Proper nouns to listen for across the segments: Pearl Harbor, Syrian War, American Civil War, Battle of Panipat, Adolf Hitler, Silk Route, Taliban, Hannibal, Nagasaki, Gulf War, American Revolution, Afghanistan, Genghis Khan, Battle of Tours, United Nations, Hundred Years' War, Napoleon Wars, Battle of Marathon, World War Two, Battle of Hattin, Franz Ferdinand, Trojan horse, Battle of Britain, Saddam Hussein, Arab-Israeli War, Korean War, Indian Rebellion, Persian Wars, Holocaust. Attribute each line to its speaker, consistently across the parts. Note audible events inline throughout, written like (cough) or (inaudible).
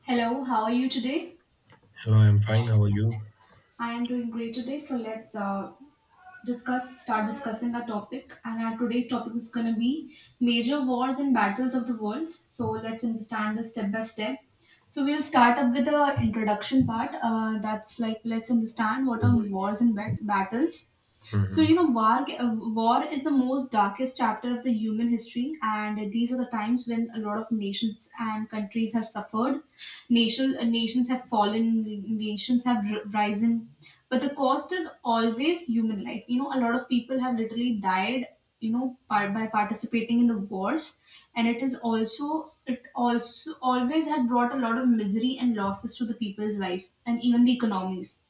Speaker 1: Hello, how are you today?
Speaker 2: Hello, I'm fine. How are you?
Speaker 1: I am doing great today, so let's discussing our topic, and our today's topic is going to be major wars and battles of the world. So let's understand this step by step. So we'll start up with the introduction part. That's like, let's understand what are wars and battles. So
Speaker 2: Hmm.
Speaker 1: war is the most darkest chapter of the human history, and these are the times when a lot of nations and countries have suffered. Nations have fallen, nations have risen, but the cost is always human life. You know, a lot of people have literally died, by participating in the wars. And it also always had brought a lot of misery and losses to the people's life and even the economies.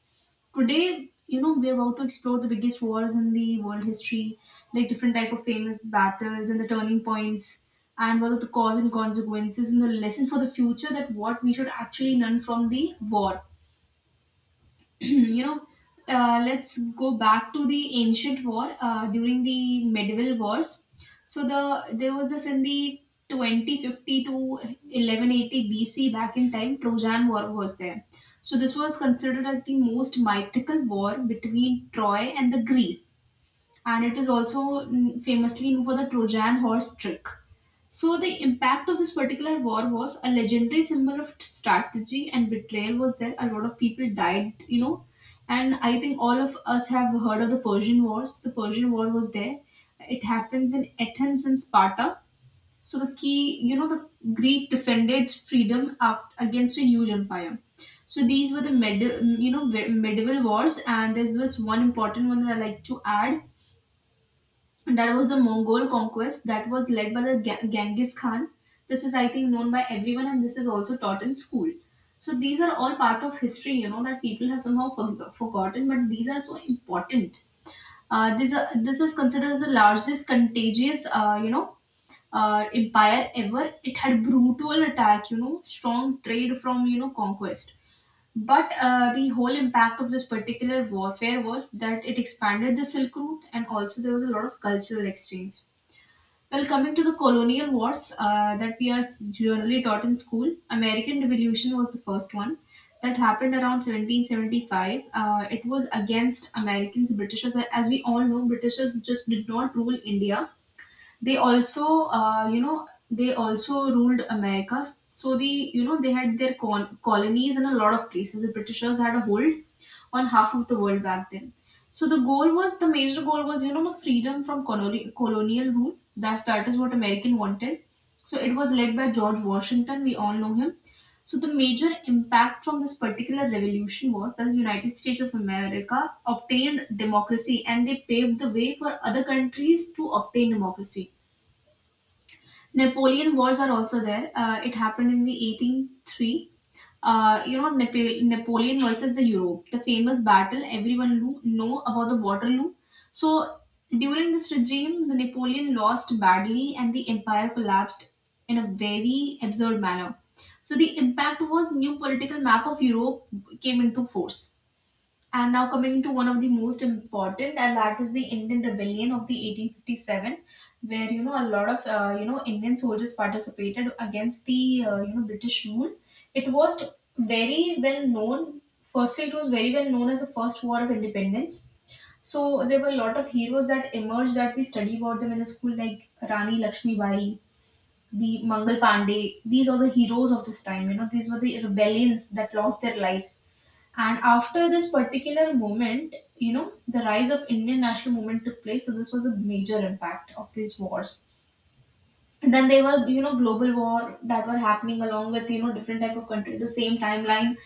Speaker 1: Today, we're about to explore the biggest wars in the world history, like different type of famous battles and the turning points, and what are the cause and consequences and the lesson for the future, that what we should actually learn from the war. (clears throat) you know, let's go back to the ancient war during the medieval wars. So there was this: in the 2050 to 1180 BC, back in time, Trojan War was there. So this was considered as the most mythical war between Troy and the Greece, and it is also famously known for the Trojan horse trick. So the impact of this particular war was a legendary symbol of strategy and betrayal was there. A lot of people died. And I think all of us have heard of the Persian Wars. The Persian War was there. It happens in Athens and Sparta. So the key, you know, the Greek defended its freedom against a huge empire. So these were the medieval wars, and there's this one important one that I like to add, that was the Mongol conquest that was led by the Genghis Khan. This is, I think, known by everyone, and this is also taught in school. So these are all part of history, that people have somehow forgotten, but these are so important. This is considered as the largest contagious, empire ever. It had brutal attack, strong trade from conquest. But the whole impact of this particular warfare was that it expanded the Silk Route, and also there was a lot of cultural exchange. Well, coming to the colonial wars that we are generally taught in school, American Revolution was the first one that happened around 1775. It was against Americans, Britishers. As we all know, Britishers just did not rule India. They also ruled America. So they had their colonies in a lot of places. The Britishers had a hold on half of the world back then. So the major goal was freedom from colonial rule. That is what American wanted. So it was led by George Washington. We all know him. So the major impact from this particular revolution was that the United States of America obtained democracy, and they paved the way for other countries to obtain democracy. Napoleon Wars are also there. It happened in the 1803. uh, you know Nap- Napoleon versus the Europe, the famous battle everyone know about: the Waterloo. So during this regime, the Napoleon lost badly, and the empire collapsed in a very absurd manner. So the impact was new political map of Europe came into force. And now coming to one of the most important, and that is the Indian Rebellion of the 1857, where a lot of Indian soldiers participated against the British rule. It was very well known. Firstly, it was very well known as the first war of independence. So there were a lot of heroes that emerged that we study about them in the school, like Rani Lakshmibai, the Mangal Pandey. These are the heroes of this time. These were the rebellions that lost their life, and after this particular moment, the rise of Indian national movement took place. So this was a major impact of these wars. And then they were, global war that were happening along with, different type of country, the same timeline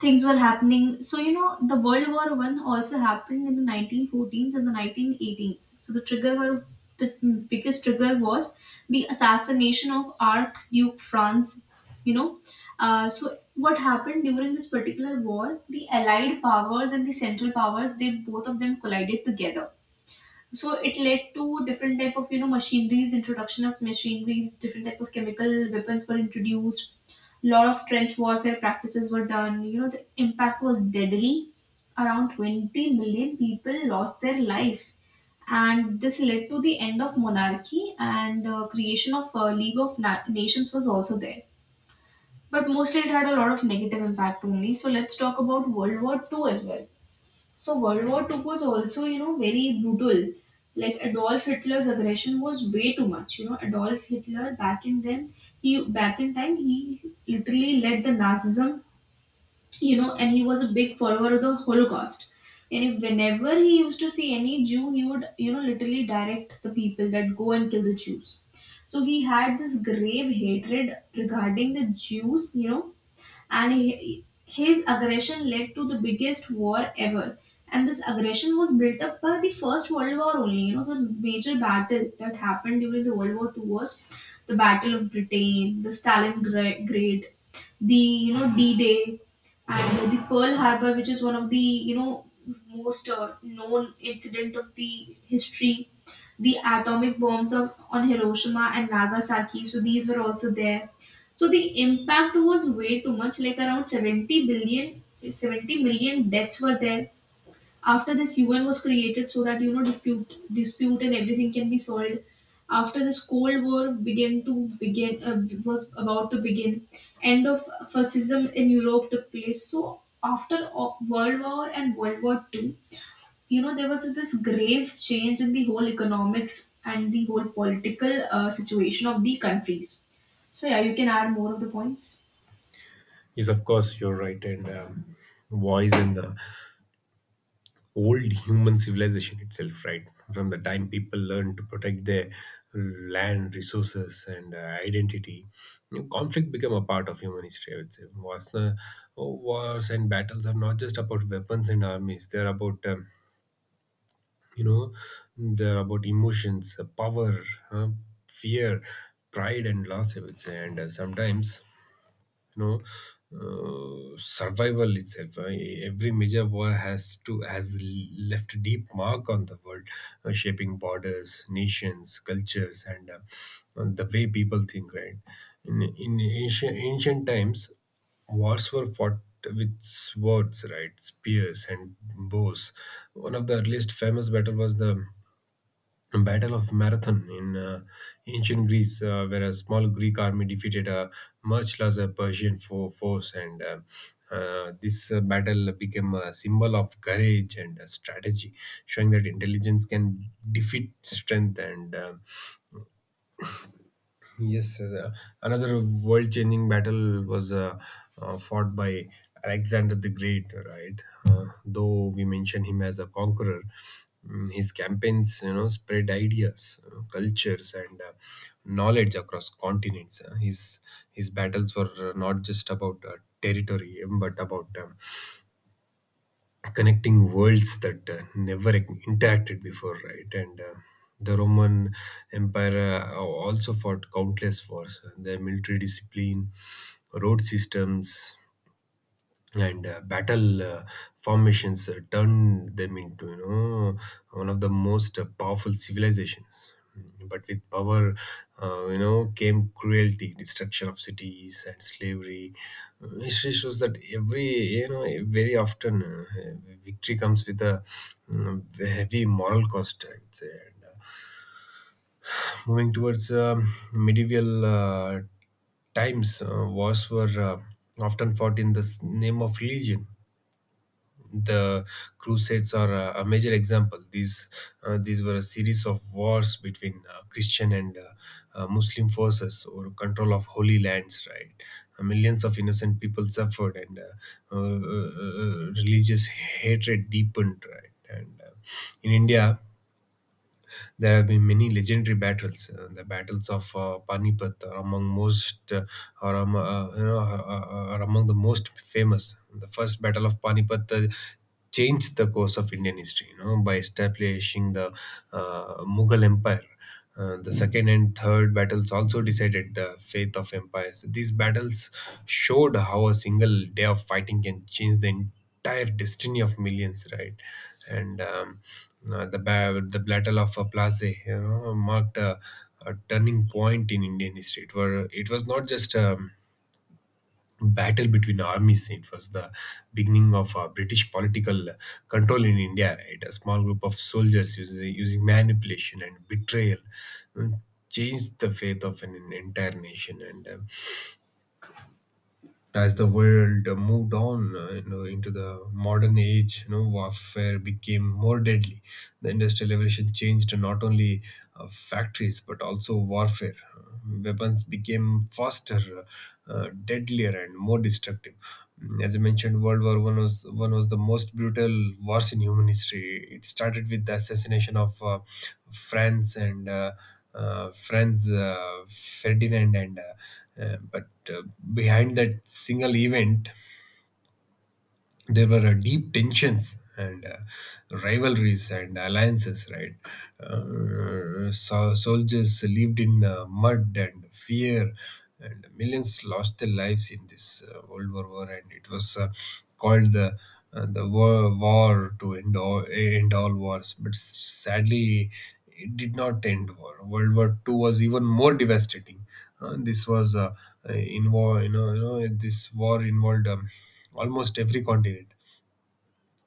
Speaker 1: things were happening. So the World War One also happened in the 1914s and the 1918s. So the biggest trigger was the assassination of Archduke Franz. You know, so what happened during this particular war? The Allied powers and the Central powers, they both of them collided together, so it led to different type of machineries introduction of machineries, different type of chemical weapons were introduced, lot of trench warfare practices were done. The impact was deadly, around 20 million people lost their life, and this led to the end of monarchy and creation of League of Nations was also there. But mostly it had a lot of negative impact only. So let's talk about World War Two as well. So World War Two was also, very brutal. Like Adolf Hitler's aggression was way too much. Adolf Hitler, back in time, he literally led the Nazism, and he was a big follower of the Holocaust. And if whenever he used to see any Jew, he would, literally direct the people that go and kill the Jews. So he had this grave hatred regarding the Jews, and his aggression led to the biggest war ever. And this aggression was built up by the First World War only. The major battle that happened during the World War Two was the Battle of Britain, the Stalingrad, the D-Day, and the Pearl Harbor, which is one of the most known incident of the history. The atomic bombs of on Hiroshima and Nagasaki, so these were also there. So the impact was way too much, like around 70 million deaths were there. After this, UN was created so that dispute and everything can be solved. After this, Cold War began to begin was about to begin. End of fascism in Europe took place. So after World War and World War Two, there was this grave change in the whole economics and the whole political situation of the countries. So yeah, you can add more of the points.
Speaker 2: Yes, of course, you're right. And voice in the old human civilization itself, right? From the time people learned to protect their land, resources, and identity, you know, conflict became a part of human history. I would say wars, wars and battles are not just about weapons and armies. They're about you know, they're about emotions, power, uh, fear, pride, and loss, I would say. And sometimes you know survival itself. Every major war has left a deep mark on the world, shaping borders, nations, cultures, and the way people think, right? In ancient times, wars were fought with swords, right, spears and bows. One of the earliest famous battle was the Battle of Marathon in ancient Greece, where a small Greek army defeated a much larger Persian force, and this battle became a symbol of courage and strategy, showing that intelligence can defeat strength. And Yes, another world-changing battle was fought by Alexander the Great, right? Though we mention him as a conqueror, his campaigns, you know, spread ideas, cultures, and knowledge across continents. His battles were not just about territory, but about connecting worlds that never interacted before, right? And The Roman Empire also fought countless wars. Their military discipline, road systems, and battle formations turned them into, you know, one of the most powerful civilizations. But with power came cruelty, destruction of cities, and slavery. History shows that every, you know very often victory comes with a mm, heavy moral cost, I would say. Moving towards medieval times, wars were often fought in the name of religion. The Crusades are a major example. These were a series of wars between Christian and Muslim forces over control of holy lands, right. Millions of innocent people suffered, and religious hatred deepened, right. and In India, there have been many legendary battles. The battles of Panipat are among most, or you know, are among the most famous. The first battle of Panipat changed the course of Indian history, you know, by establishing the Mughal Empire. The second and third battles also decided the fate of empires. These battles showed how a single day of fighting can change the entire destiny of millions, right? And um, the Battle of Plassey, you know, marked a turning point in Indian history. It was not just battle between armies. It was the beginning of British political control in India, right? A small group of soldiers using manipulation and betrayal uh, changed the fate of an entire nation. And As the world moved on you know, into the modern age, you know, warfare became more deadly. The Industrial Revolution changed not only factories but also warfare. Weapons became faster, deadlier, and more destructive. As I mentioned, World War One was the most brutal wars in human history. It started with the assassination of France and Franz Ferdinand, and but behind that single event there were deep tensions and rivalries and alliances, right. Soldiers lived in mud and fear, and millions lost their lives in this world war, and it was called the war to end all wars. But sadly, it did not end war. World War 2 was even more devastating. Uh, this was involved, you know, This war involved almost every continent.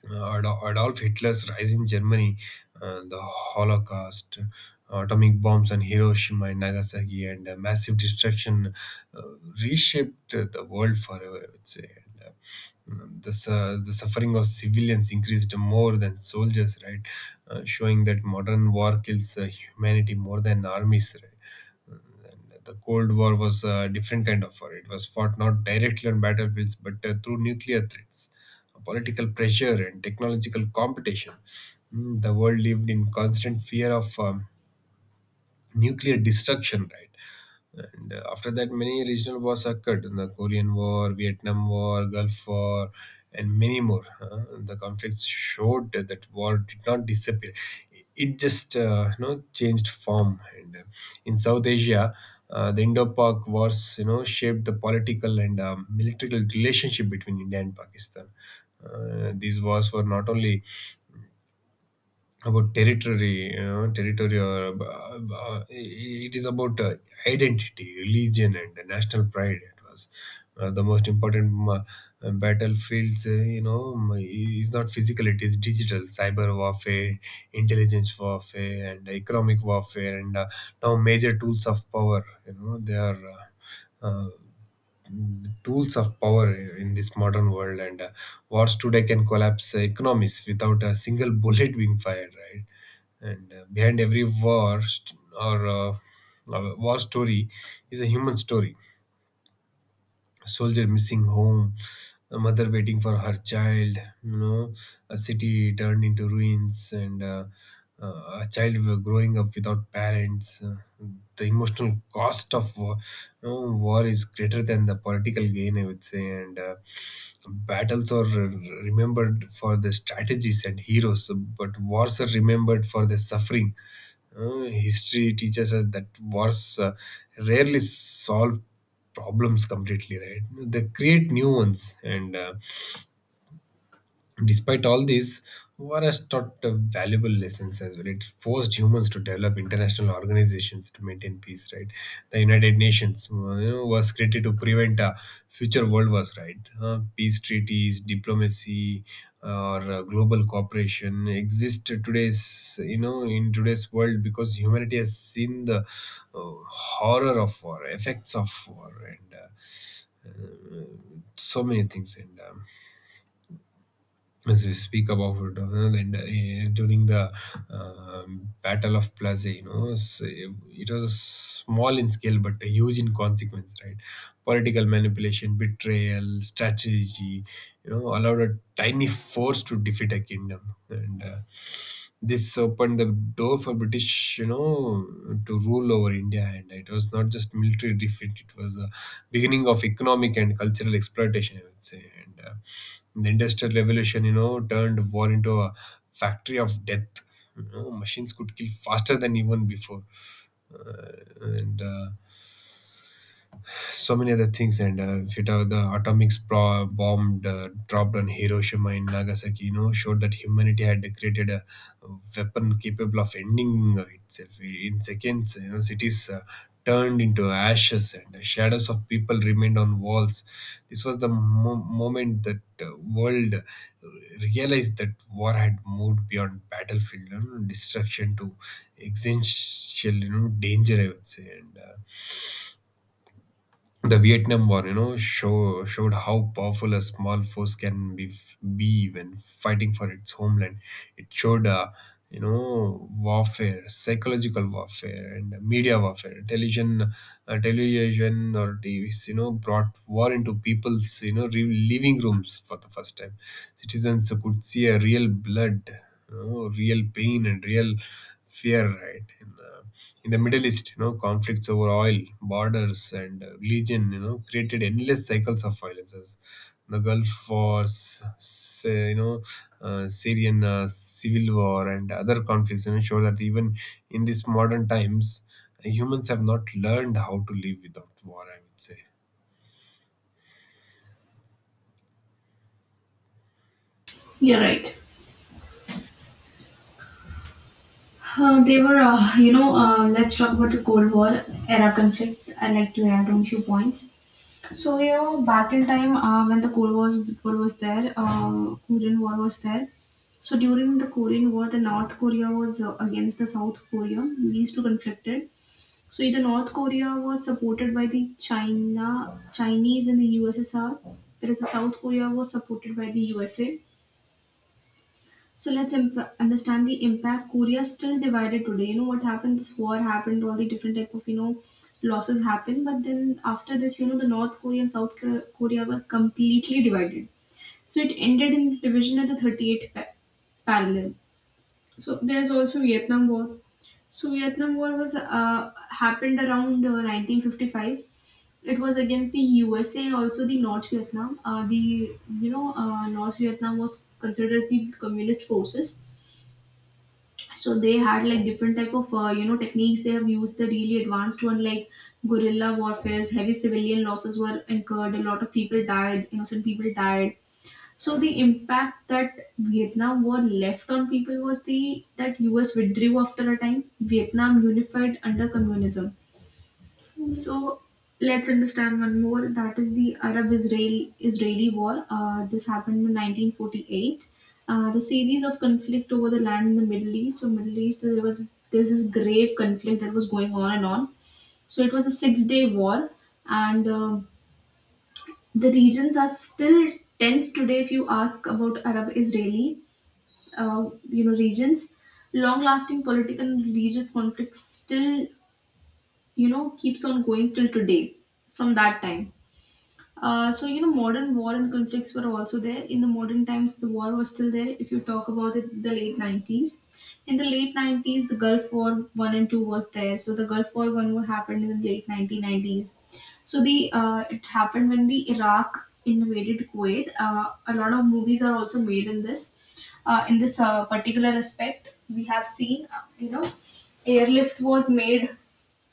Speaker 2: Adolf Hitler's rise in Germany, the Holocaust, atomic bombs on Hiroshima and Nagasaki, and massive destruction uh, reshaped the world forever, I would say. The suffering of civilians increased more than soldiers, right? Showing that modern war kills humanity more than armies, right. The Cold War was a different kind of war. It was fought not directly on battlefields but through nuclear threats, political pressure, and technological competition. The world lived in constant fear of nuclear destruction, right. And After that, many regional wars occurred: the Korean War, Vietnam War, Gulf War, and many more. The conflicts showed that war did not disappear. It just changed form. And In South Asia, the Indo-Pak wars, you know, shaped the political and military relationship between India and Pakistan. These wars were not only about territory, you know, territory or it is about identity, religion, and national pride. It was the most important battlefields. Is not physical; it is digital. Cyber warfare, intelligence warfare, and economic warfare, and now major tools of power, you know, they are. Uh, uh, Tools of power in this modern world. And Wars today can collapse economies without a single (laughs) bullet being fired, right. and Behind every war st- or war story is a human story: a soldier missing home, a mother waiting for her child, you know, a city turned into ruins, and a child growing up without parents. The emotional cost of war, war is greater than the political gain, I would say. And Battles are remembered for the strategies and heroes, but wars are remembered for the suffering. History teaches us that wars rarely solve problems completely, right? They create new ones. And Despite all this, ORS taught valuable lessons as well. It forced humans to develop international organizations to maintain peace, right. The United Nations you know, was created to prevent future world wars, right. Peace treaties, diplomacy, or global cooperation exist today's, you know, in today's world because humanity has seen the horror of war, effects of war, and so many things. And As we speak about it, you know, and during the Battle of Plaza, you know, it was small in scale but huge in consequence, right? Political manipulation, betrayal, strategy, you know, allowed a tiny force to defeat a kingdom, and this opened the door for British, you know, to rule over India, and it was not just military defeat; it was the beginning of economic and cultural exploitation, I would say. And. The Industrial Revolution, you know, turned war into a factory of death. You know, machines could kill faster than even before, uh, and so many other things. And If you talk, the atomic bomb dropped on Hiroshima and Nagasaki, you know, showed that humanity had created a weapon capable of ending itself in seconds. You know, cities turned into ashes and the shadows of people remained on walls. This was the moment that world realized that war had moved beyond battlefield, you know, destruction to existential, you know, danger, I would say. And The Vietnam War, you know, showed how powerful a small force can be when fighting for its homeland. It showed, warfare, psychological warfare, and media warfare. Television, or TVs, you know, brought war into people's living rooms for the first time. Citizens could see a real blood, you know, real pain and real fear, right? In the Middle East, you know, conflicts over oil, borders, and religion, you know, created endless cycles of violences. The Gulf Wars, Syrian civil war, and other conflicts, you know, show that even in these modern times, humans have not learned how to live without war, I would say.
Speaker 1: You're right. They were, you know, let's talk about the Cold War era conflicts. I like to add on a few points. So, back in time when the Cold War was there, Korean War was there. So, during the Korean War, the North Korea was against the South Korea. These two conflicted. So, the North Korea was supported by the Chinese and the USSR, whereas the South Korea was supported by the USA. So let's understand the impact. Korea is still divided today. You know what happened? This war happened. All the different type of losses happened. But then after this, the North Korea and South Korea were completely divided. So it ended in division at the 38th parallel. So there's also Vietnam War. So Vietnam War was happened around 1955. It was against the USA and also the North Vietnam. The you know North Vietnam was considered as the communist forces. So they had like different type of techniques they have used, the really advanced one, like guerrilla warfares. Heavy civilian losses were incurred, a lot of people died, innocent people died. So the impact that Vietnam war left on people was the that US withdrew after a time, Vietnam unified under communism. So let's understand one more. That is the Arab-Israeli-Israeli War. This happened in 1948. The series of conflict over the land in the Middle East. So Middle East, there's this grave conflict that was going on and on. So it was a Six-Day War, and the regions are still tense today. If you ask about Arab-Israeli, regions, long-lasting political and religious conflicts still keeps on going till today from that time. So modern war and conflicts were also there in the modern times. The war was still there. If you talk about it, in the late nineties, the Gulf War one and two was there. So the Gulf War one was happened in the late 1990s. So the It happened when the Iraq invaded Kuwait. A lot of movies are also made in this. In this particular aspect, we have seen, airlift was made,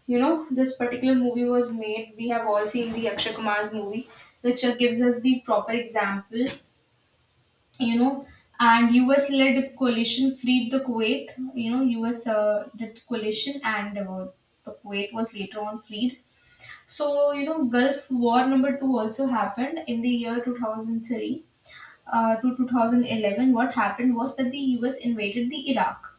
Speaker 1: this particular movie was made. We have all seen the Akshay Kumar's movie, which gives us the proper example. You know, and US led coalition freed the Kuwait. US did coalition and the Kuwait was later on freed. Gulf War number two also happened in the year 2003 to 2011. What happened was that the US invaded the Iraq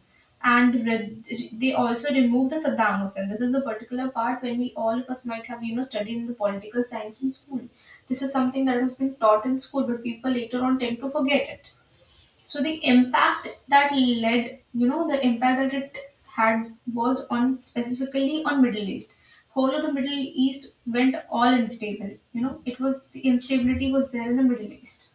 Speaker 1: and they also removed the Saddam Hussein. This is the particular part when we all of us might have studied in the political science in school. This is something that has been taught in school, but people later on tend to forget it. So the impact that it had was on specifically on Middle East. Whole of the Middle East went all unstable. You know, it was the instability was there in the Middle East,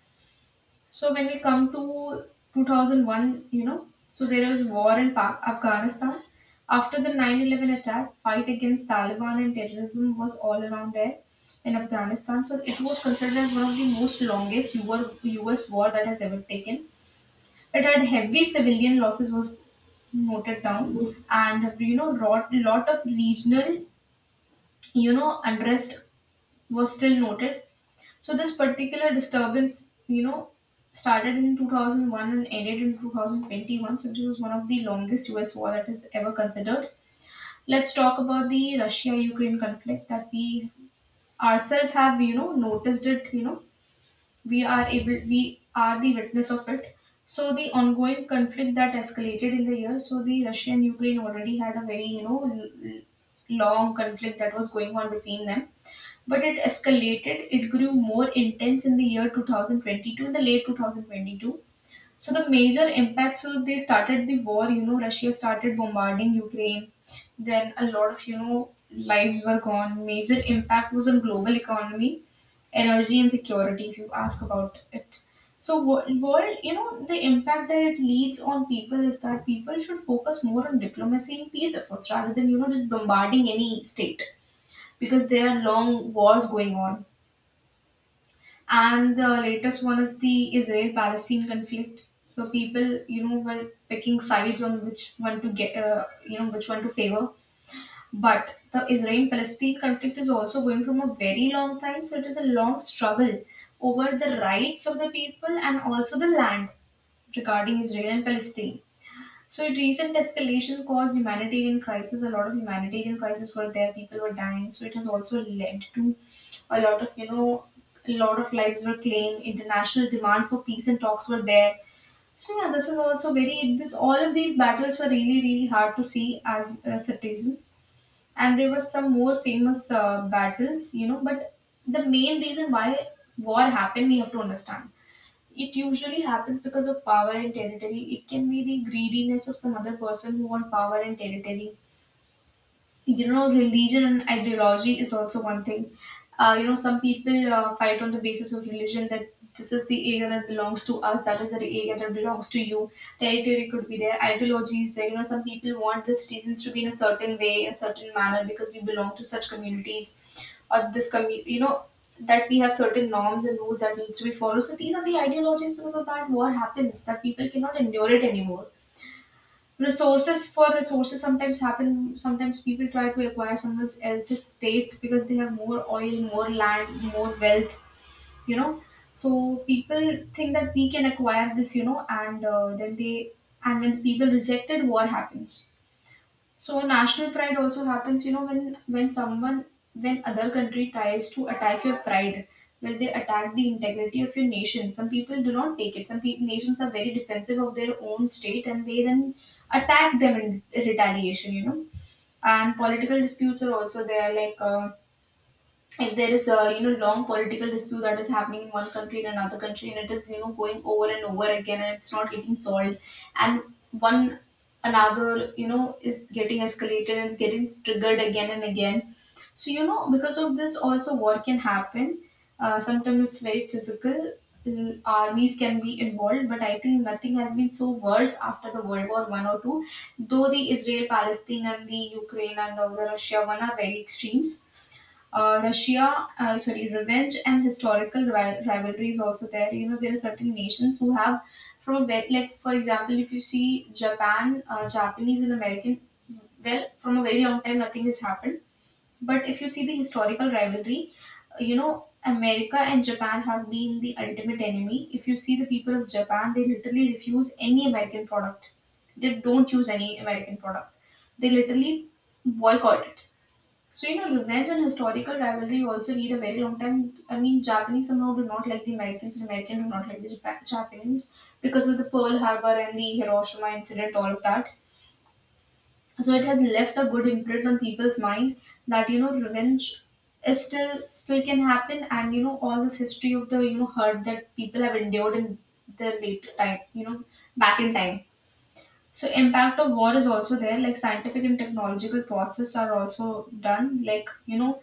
Speaker 1: so when we come to 2001, you know, so there was war in Afghanistan. After the 9/11 attack, fight against Taliban and terrorism was all around there in Afghanistan. So it was considered as one of the most longest US war that has ever taken. It had heavy civilian losses was noted down, and you know lot of regional unrest was still noted. So this particular disturbance, you know, started in 2001 and ended in 2021. So it was one of the longest US war that is ever considered. Let's talk about the Russia-Ukraine conflict that we ourselves have, you know, noticed it. We are the witness of it. So the ongoing conflict that escalated in the year, so the Russia and Ukraine already had a very, you know, long conflict that was going on between them, but it escalated. It grew more intense in the year 2022, in the late 2022. So the major impact, so they started the war, you know, Russia started bombarding Ukraine. Then a lot of, you know, lives were gone. Major impact was on global economy, energy and security, if you ask about it. So world, you know, the impact that it leads on people is that people should focus more on diplomacy and peace efforts rather than, you know, just bombarding any state, because there are long wars going on, and the latest one is the Israel Palestine conflict. So people, you know, were picking sides on which one to get, which one to favor. But the Israel Palestine conflict is also going from a very long time. So it is a long struggle over the rights of the people and also the land regarding Israel and Palestine. So, in recent escalation caused humanitarian crisis. A lot of humanitarian crises were there. People were dying. So, it has also led to a lot of, you know, a lot of lives were claimed. International demand for peace and talks were there. So, yeah, this is also very, this, all of these battles were really, really hard to see as citizens. And there were some more famous battles, you know, but the main reason why war happened, we have to understand. It usually happens because of power and territory. It can be the greediness of some other person who want power and territory. You know, religion and ideology is also one thing. Some people fight on the basis of religion that this is the area that belongs to us, that is the area that belongs to you. Territory could be there, ideology is there. You know, some people want the citizens to be in a certain way, in a certain manner, because we belong to such communities or this community. You know, that we have certain norms and rules that needs to be followed. So these are the ideologies because of that war happens, that people cannot endure it anymore. Resources, for resources sometimes happen. Sometimes people try to acquire someone else's state because they have more oil, more land, more wealth, you know. So people think that we can acquire this, you know, and then they, and when the people rejected what happens. So national pride also happens, you know, when someone, when other country tries to attack your pride, well, they attack the integrity of your nation. Some people do not take it. Some nations are very defensive of their own state, and they then attack them in retaliation. You know, and political disputes are also there, like. If there is a you know long political dispute that is happening in one country, in another country, and it is you know going over and over again, and it's not getting solved, and one another you know is getting escalated and is getting triggered again and again. So you know, because of this also war can happen. Sometimes it's very physical. Armies can be involved, but I think nothing has been so worse after the World War one or two, though the Israel Palestine and the Ukraine and the Russia one are very extremes. Revenge and historical rivalry is also there. You know, there are certain nations who have from a very, like, for example, if you see Japan, Japanese and American, well, from a very long time, nothing has happened. But if you see the historical rivalry, you know, America and Japan have been the ultimate enemy. If you see the people of Japan, they literally refuse any American product. They don't use any American product. They literally boycott it. So you know, revenge and historical rivalry also need a very long time. I mean, Japanese somehow do not like the Americans, and Americans do not like the Japanese because of the Pearl Harbor and the Hiroshima incident, all of that. So it has left a good imprint on people's mind that you know, revenge is still can happen, and you know, all this history of the you know hurt that people have endured in the later time, you know, back in time. So impact of war is also there. Like scientific and technological process are also done. Like you know,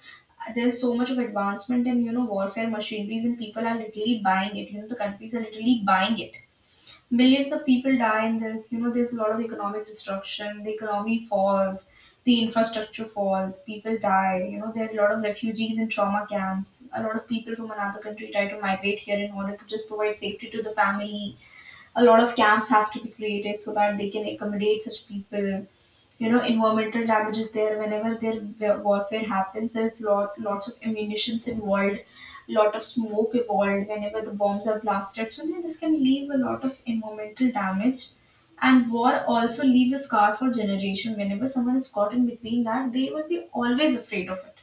Speaker 1: there's so much of advancement in you know warfare machineries, and people are literally buying it. You know, the countries are literally buying it. Millions of people die in this. You know, there's a lot of economic destruction. The economy falls. The infrastructure falls. People die. You know, there are a lot of refugees in trauma camps. A lot of people from another country try to migrate here in order to just provide safety to the family. A lot of camps have to be created so that they can accommodate such people. You know, environmental damage is there. Whenever there warfare happens, there's lots of ammunitions involved, lot of smoke involved whenever the bombs are blasted. So you know, this can leave a lot of environmental damage. And war also leaves a scar for generation. Whenever someone is caught in between, that they will be always afraid of it.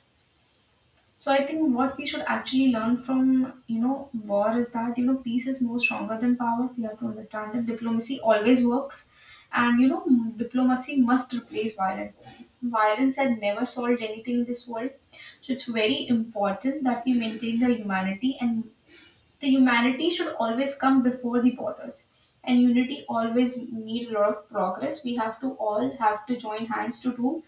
Speaker 1: So I think what we should actually learn from you know war is that you know peace is more stronger than power. We have to understand that diplomacy always works, and you know diplomacy must replace violence. Violence had never solved anything in this world, so it's very important that we maintain the humanity, and the humanity should always come before the borders. And unity always need a lot of progress. We have to all have to join hands to do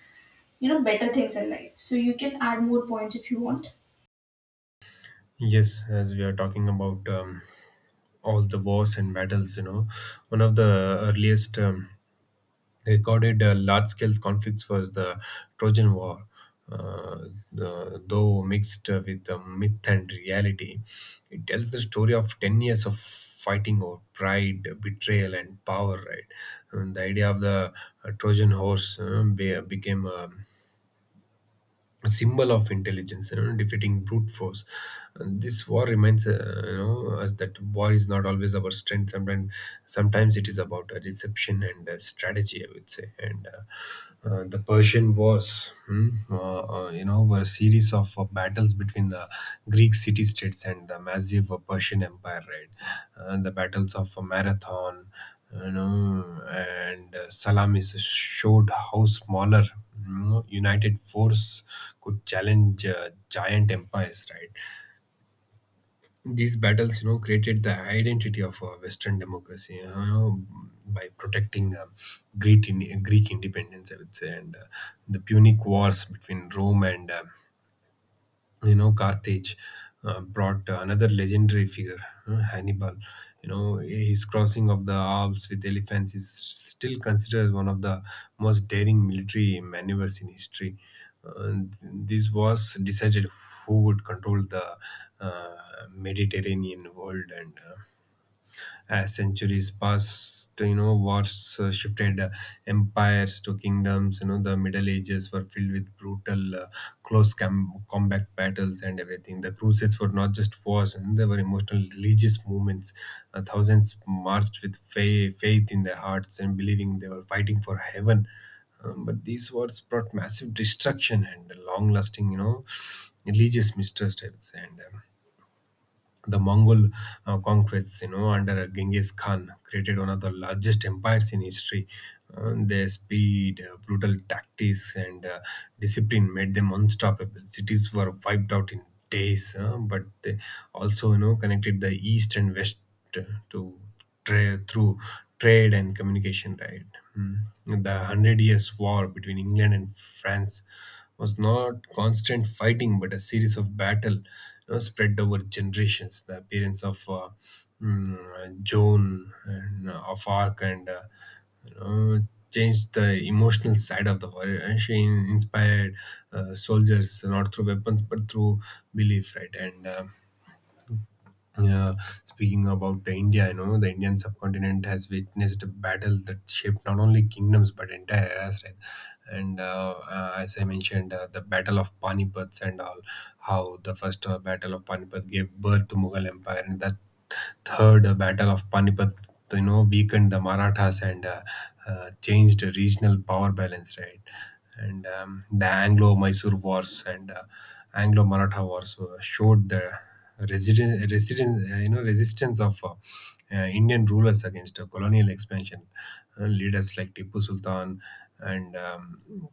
Speaker 1: you know better things in life. So you can add more points if you want.
Speaker 2: Yes, as we are talking about all the wars and battles, you know, one of the earliest they recorded large-scale conflicts for the Trojan War, uh, though mixed with the myth and reality. It tells the story of 10 years of fighting over pride, betrayal, and power, right? And the idea of the Trojan horse became a symbol of intelligence, you know, defeating brute force. And this war reminds us that war is not always about strength. Sometimes it is about deception and strategy, I would say. And The Persian Wars, were a series of battles between the Greek city-states and the massive Persian Empire, right? And the battles of Marathon, and Salamis showed how smaller, united force could challenge giant empires, right? These battles created the identity of Western democracy, by protecting Greek independence, I would say. And the Punic Wars between Rome and Carthage brought another legendary figure, Hannibal. His crossing of the Alps with elephants is still considered one of the most daring military maneuvers in history. And this was decided who would control the uh, Mediterranean world. And as centuries passed, wars shifted empires to kingdoms. The Middle Ages were filled with brutal close combat battles and everything. The Crusades were not just wars, and they were emotional religious movements. Thousands marched with faith in their hearts, and believing they were fighting for heaven. But these wars brought massive destruction and long lasting, religious mistrust, I would say. And the Mongol conquests, under Genghis Khan, created one of the largest empires in history. Their speed, brutal tactics, and discipline made them unstoppable. Cities were wiped out in days, but they also, connected the east and west uh, to through trade and communication, right? Mm. The Hundred Years' War between England and France was not constant fighting, but a series of battle, spread over generations. The appearance of Joan of Arc you know, changed the emotional side of the war. And she inspired soldiers not through weapons but through belief, right? And yeah, speaking about the India, the Indian subcontinent has witnessed battles that shaped not only kingdoms but entire eras, right? And as I mentioned, the Battle of Panipat and all, how the first Battle of Panipat gave birth to Mughal Empire, and that third Battle of Panipat, weakened the Marathas and changed the regional power balance, right? And the Anglo-Mysore Wars and Anglo-Maratha Wars showed the resistance of Indian rulers against colonial expansion. Leaders like Tipu Sultan, and um,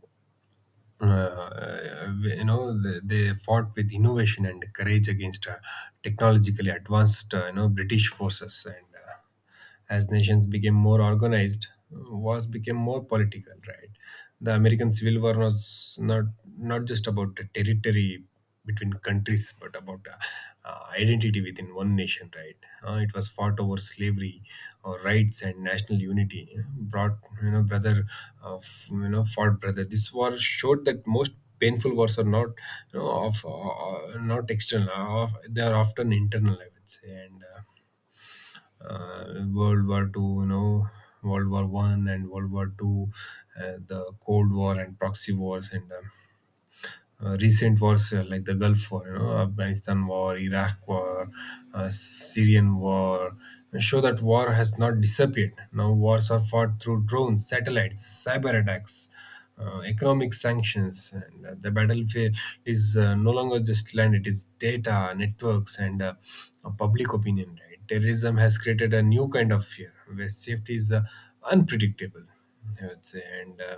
Speaker 2: uh, uh, you know they fought with innovation and courage against technologically advanced, British forces. And as nations became more organized, wars became more political, right? The American Civil War was not just about the territory between countries, but about identity within one nation, right? It was fought over slavery, rights, and national unity. Brought brother, fought brother. This war showed that most painful wars are not external; they are often internal, I would say. And World War II, World War I and World War II, the Cold War and proxy wars, and recent wars like the Gulf War, Afghanistan War, Iraq War, Syrian War, show that war has not disappeared. Now wars are fought through drones, satellites, cyber attacks, economic sanctions, and the battlefield is no longer just land; it is data, networks, and public opinion, right? Terrorism has created a new kind of fear where safety is unpredictable, I would say. And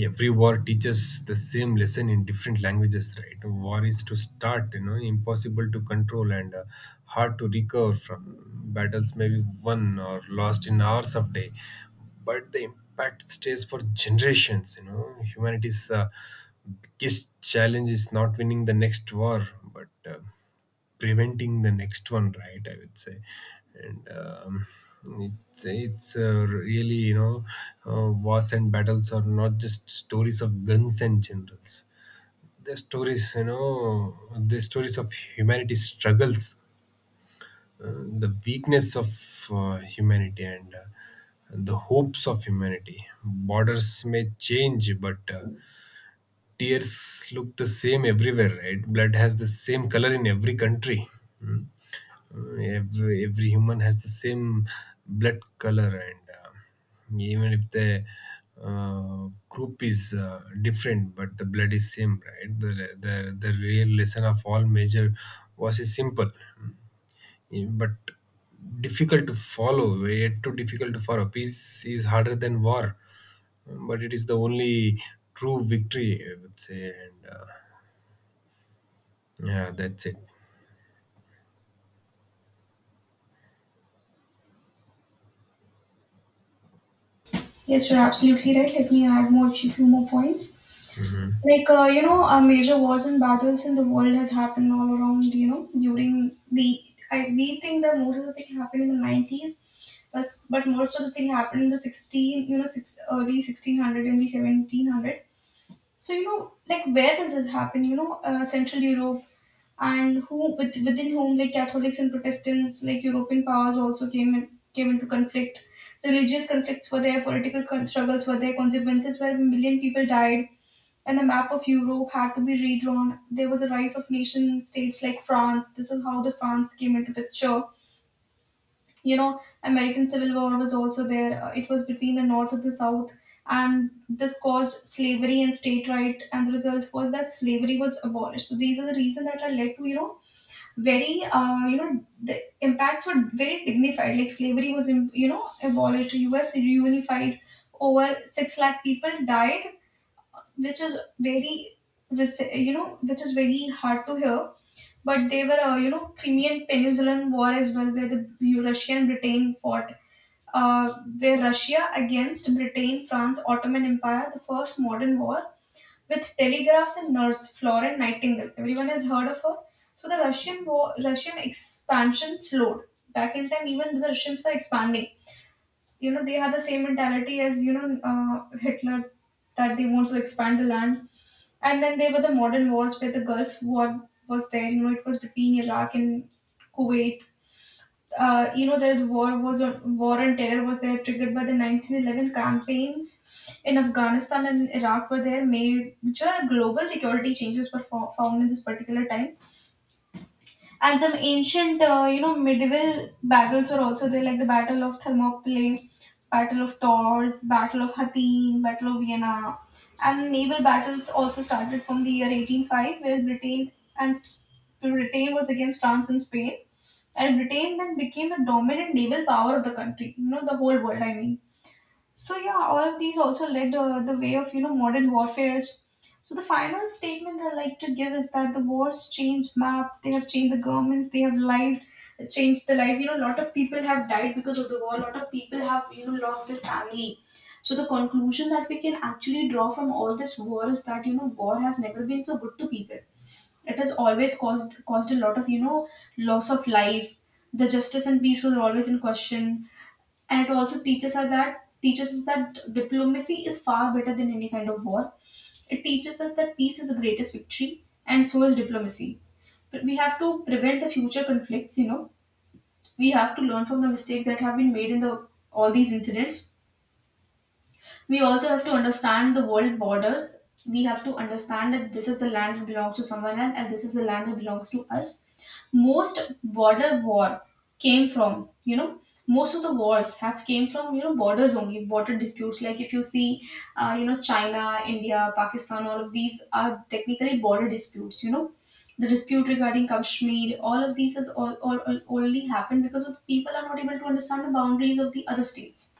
Speaker 2: every war teaches the same lesson in different languages, right? War is to start, impossible to control, and hard to recover from. Battles may be won or lost in hours of day, but the impact stays for generations. Humanity's biggest challenge is not winning the next war, but preventing the next one, right? I would say. And it's really, wars and battles are not just stories of guns and generals. They're stories, the stories of humanity's struggles, the weakness of humanity, and the hopes of humanity. Borders may change, but tears look the same everywhere, right? Blood has the same color in every country. Hmm. Every human has the same blood color. And even if the group is different, but the blood is same, right? The real lesson of all major was is simple, but difficult to follow, yet too difficult to follow. Peace is harder than war, but it is the only true victory, I would say. And yeah, that's it.
Speaker 1: Yes, you're absolutely right. Let me add few more points.
Speaker 2: Hmm.
Speaker 1: Like major wars and battles in the world has happened all around. You know, during we think that most of the thing happened in the 90s, but most of the thing happened in the sixteen. You know, six early 1600 and the 1700. So you know, like where does this happen? You know, Central Europe, and within whom, like Catholics and Protestants, like European powers, also came into conflict. Religious conflicts were there, political struggles were there, consequences where a million people died, and the map of Europe had to be redrawn. There was a rise of nation states like France. This is how the France came into picture. You know, American Civil War was also there. It was between the North and the South, and this caused slavery and state right, and the result was that slavery was abolished. So these are the reasons that are led to very the impacts were very dignified like abolished us reunified over 6 lakh people died which is very which is very hard to hear. But they were crimean peninsulan war as well where the russia and britain fought, uh, where russia against britain france ottoman empire, the first modern war with telegraphs and nurse Florence Nightingale. Everyone has heard of her. So the Russian war, Russian expansion slowed. Back in time, even the Russians were expanding. You know, they had the same mentality as Hitler, that they want to expand the land. And then there were the modern wars where the Gulf War was there. You know, it was between Iraq and Kuwait. You know, that war was a war on terror was there, triggered by the 1911 campaigns in Afghanistan and Iraq were there, major global security changes were found in this particular time. And some ancient medieval battles were also there, like the battle of Thermopylae, battle of Tours, battle of Hattin, battle of Vienna. And naval battles also started from the year 1805 where Britain and S- Britain was against France and Spain, and Britain then became the dominant naval power of the country, you know, the whole world, I mean. So, yeah, all of these also led the way of, you know, modern warfares. So, the final statement I like to give is that the wars changed map, they have changed the governments, they have lived, changed the life. You know, a lot of people have died because of the war, a lot of people have, you know, lost their family. So, the conclusion that we can actually draw from all this war is that, you know, war has never been so good to people. It has always caused a lot of, you know, loss of life. The justice and peace were always in question, and it also teaches us that diplomacy is far better than any kind of war. It teaches us that peace is the greatest victory, and so is diplomacy. But we have to prevent the future conflicts, you know, we have to learn from the mistake that have been made in the all these incidents. We also have to understand the world borders. We have to understand that this is the land that belongs to someone else and this is the land that belongs to us. Most border war came from, you know, Most of the wars have came from, you know, borders only, border disputes. Like if you see, you know, China, India, Pakistan, all of these are technically border disputes, you know. The dispute regarding Kashmir, all of these has all only happened because of the people are not able to understand the boundaries of the other states.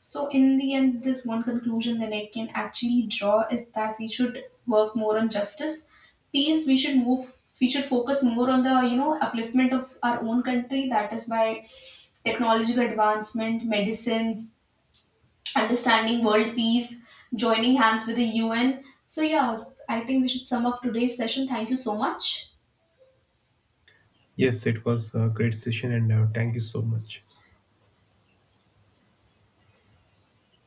Speaker 1: So, in the end, this one conclusion that I can actually draw is that we should work more on justice, peace. We should move. We should focus more on the, you know, upliftment of our own country. That is by technological advancement, medicines, understanding world peace, joining hands with the UN. So yeah, I think we should sum up today's session. Thank you so much.
Speaker 2: Yes, it was a great session, and thank you so much.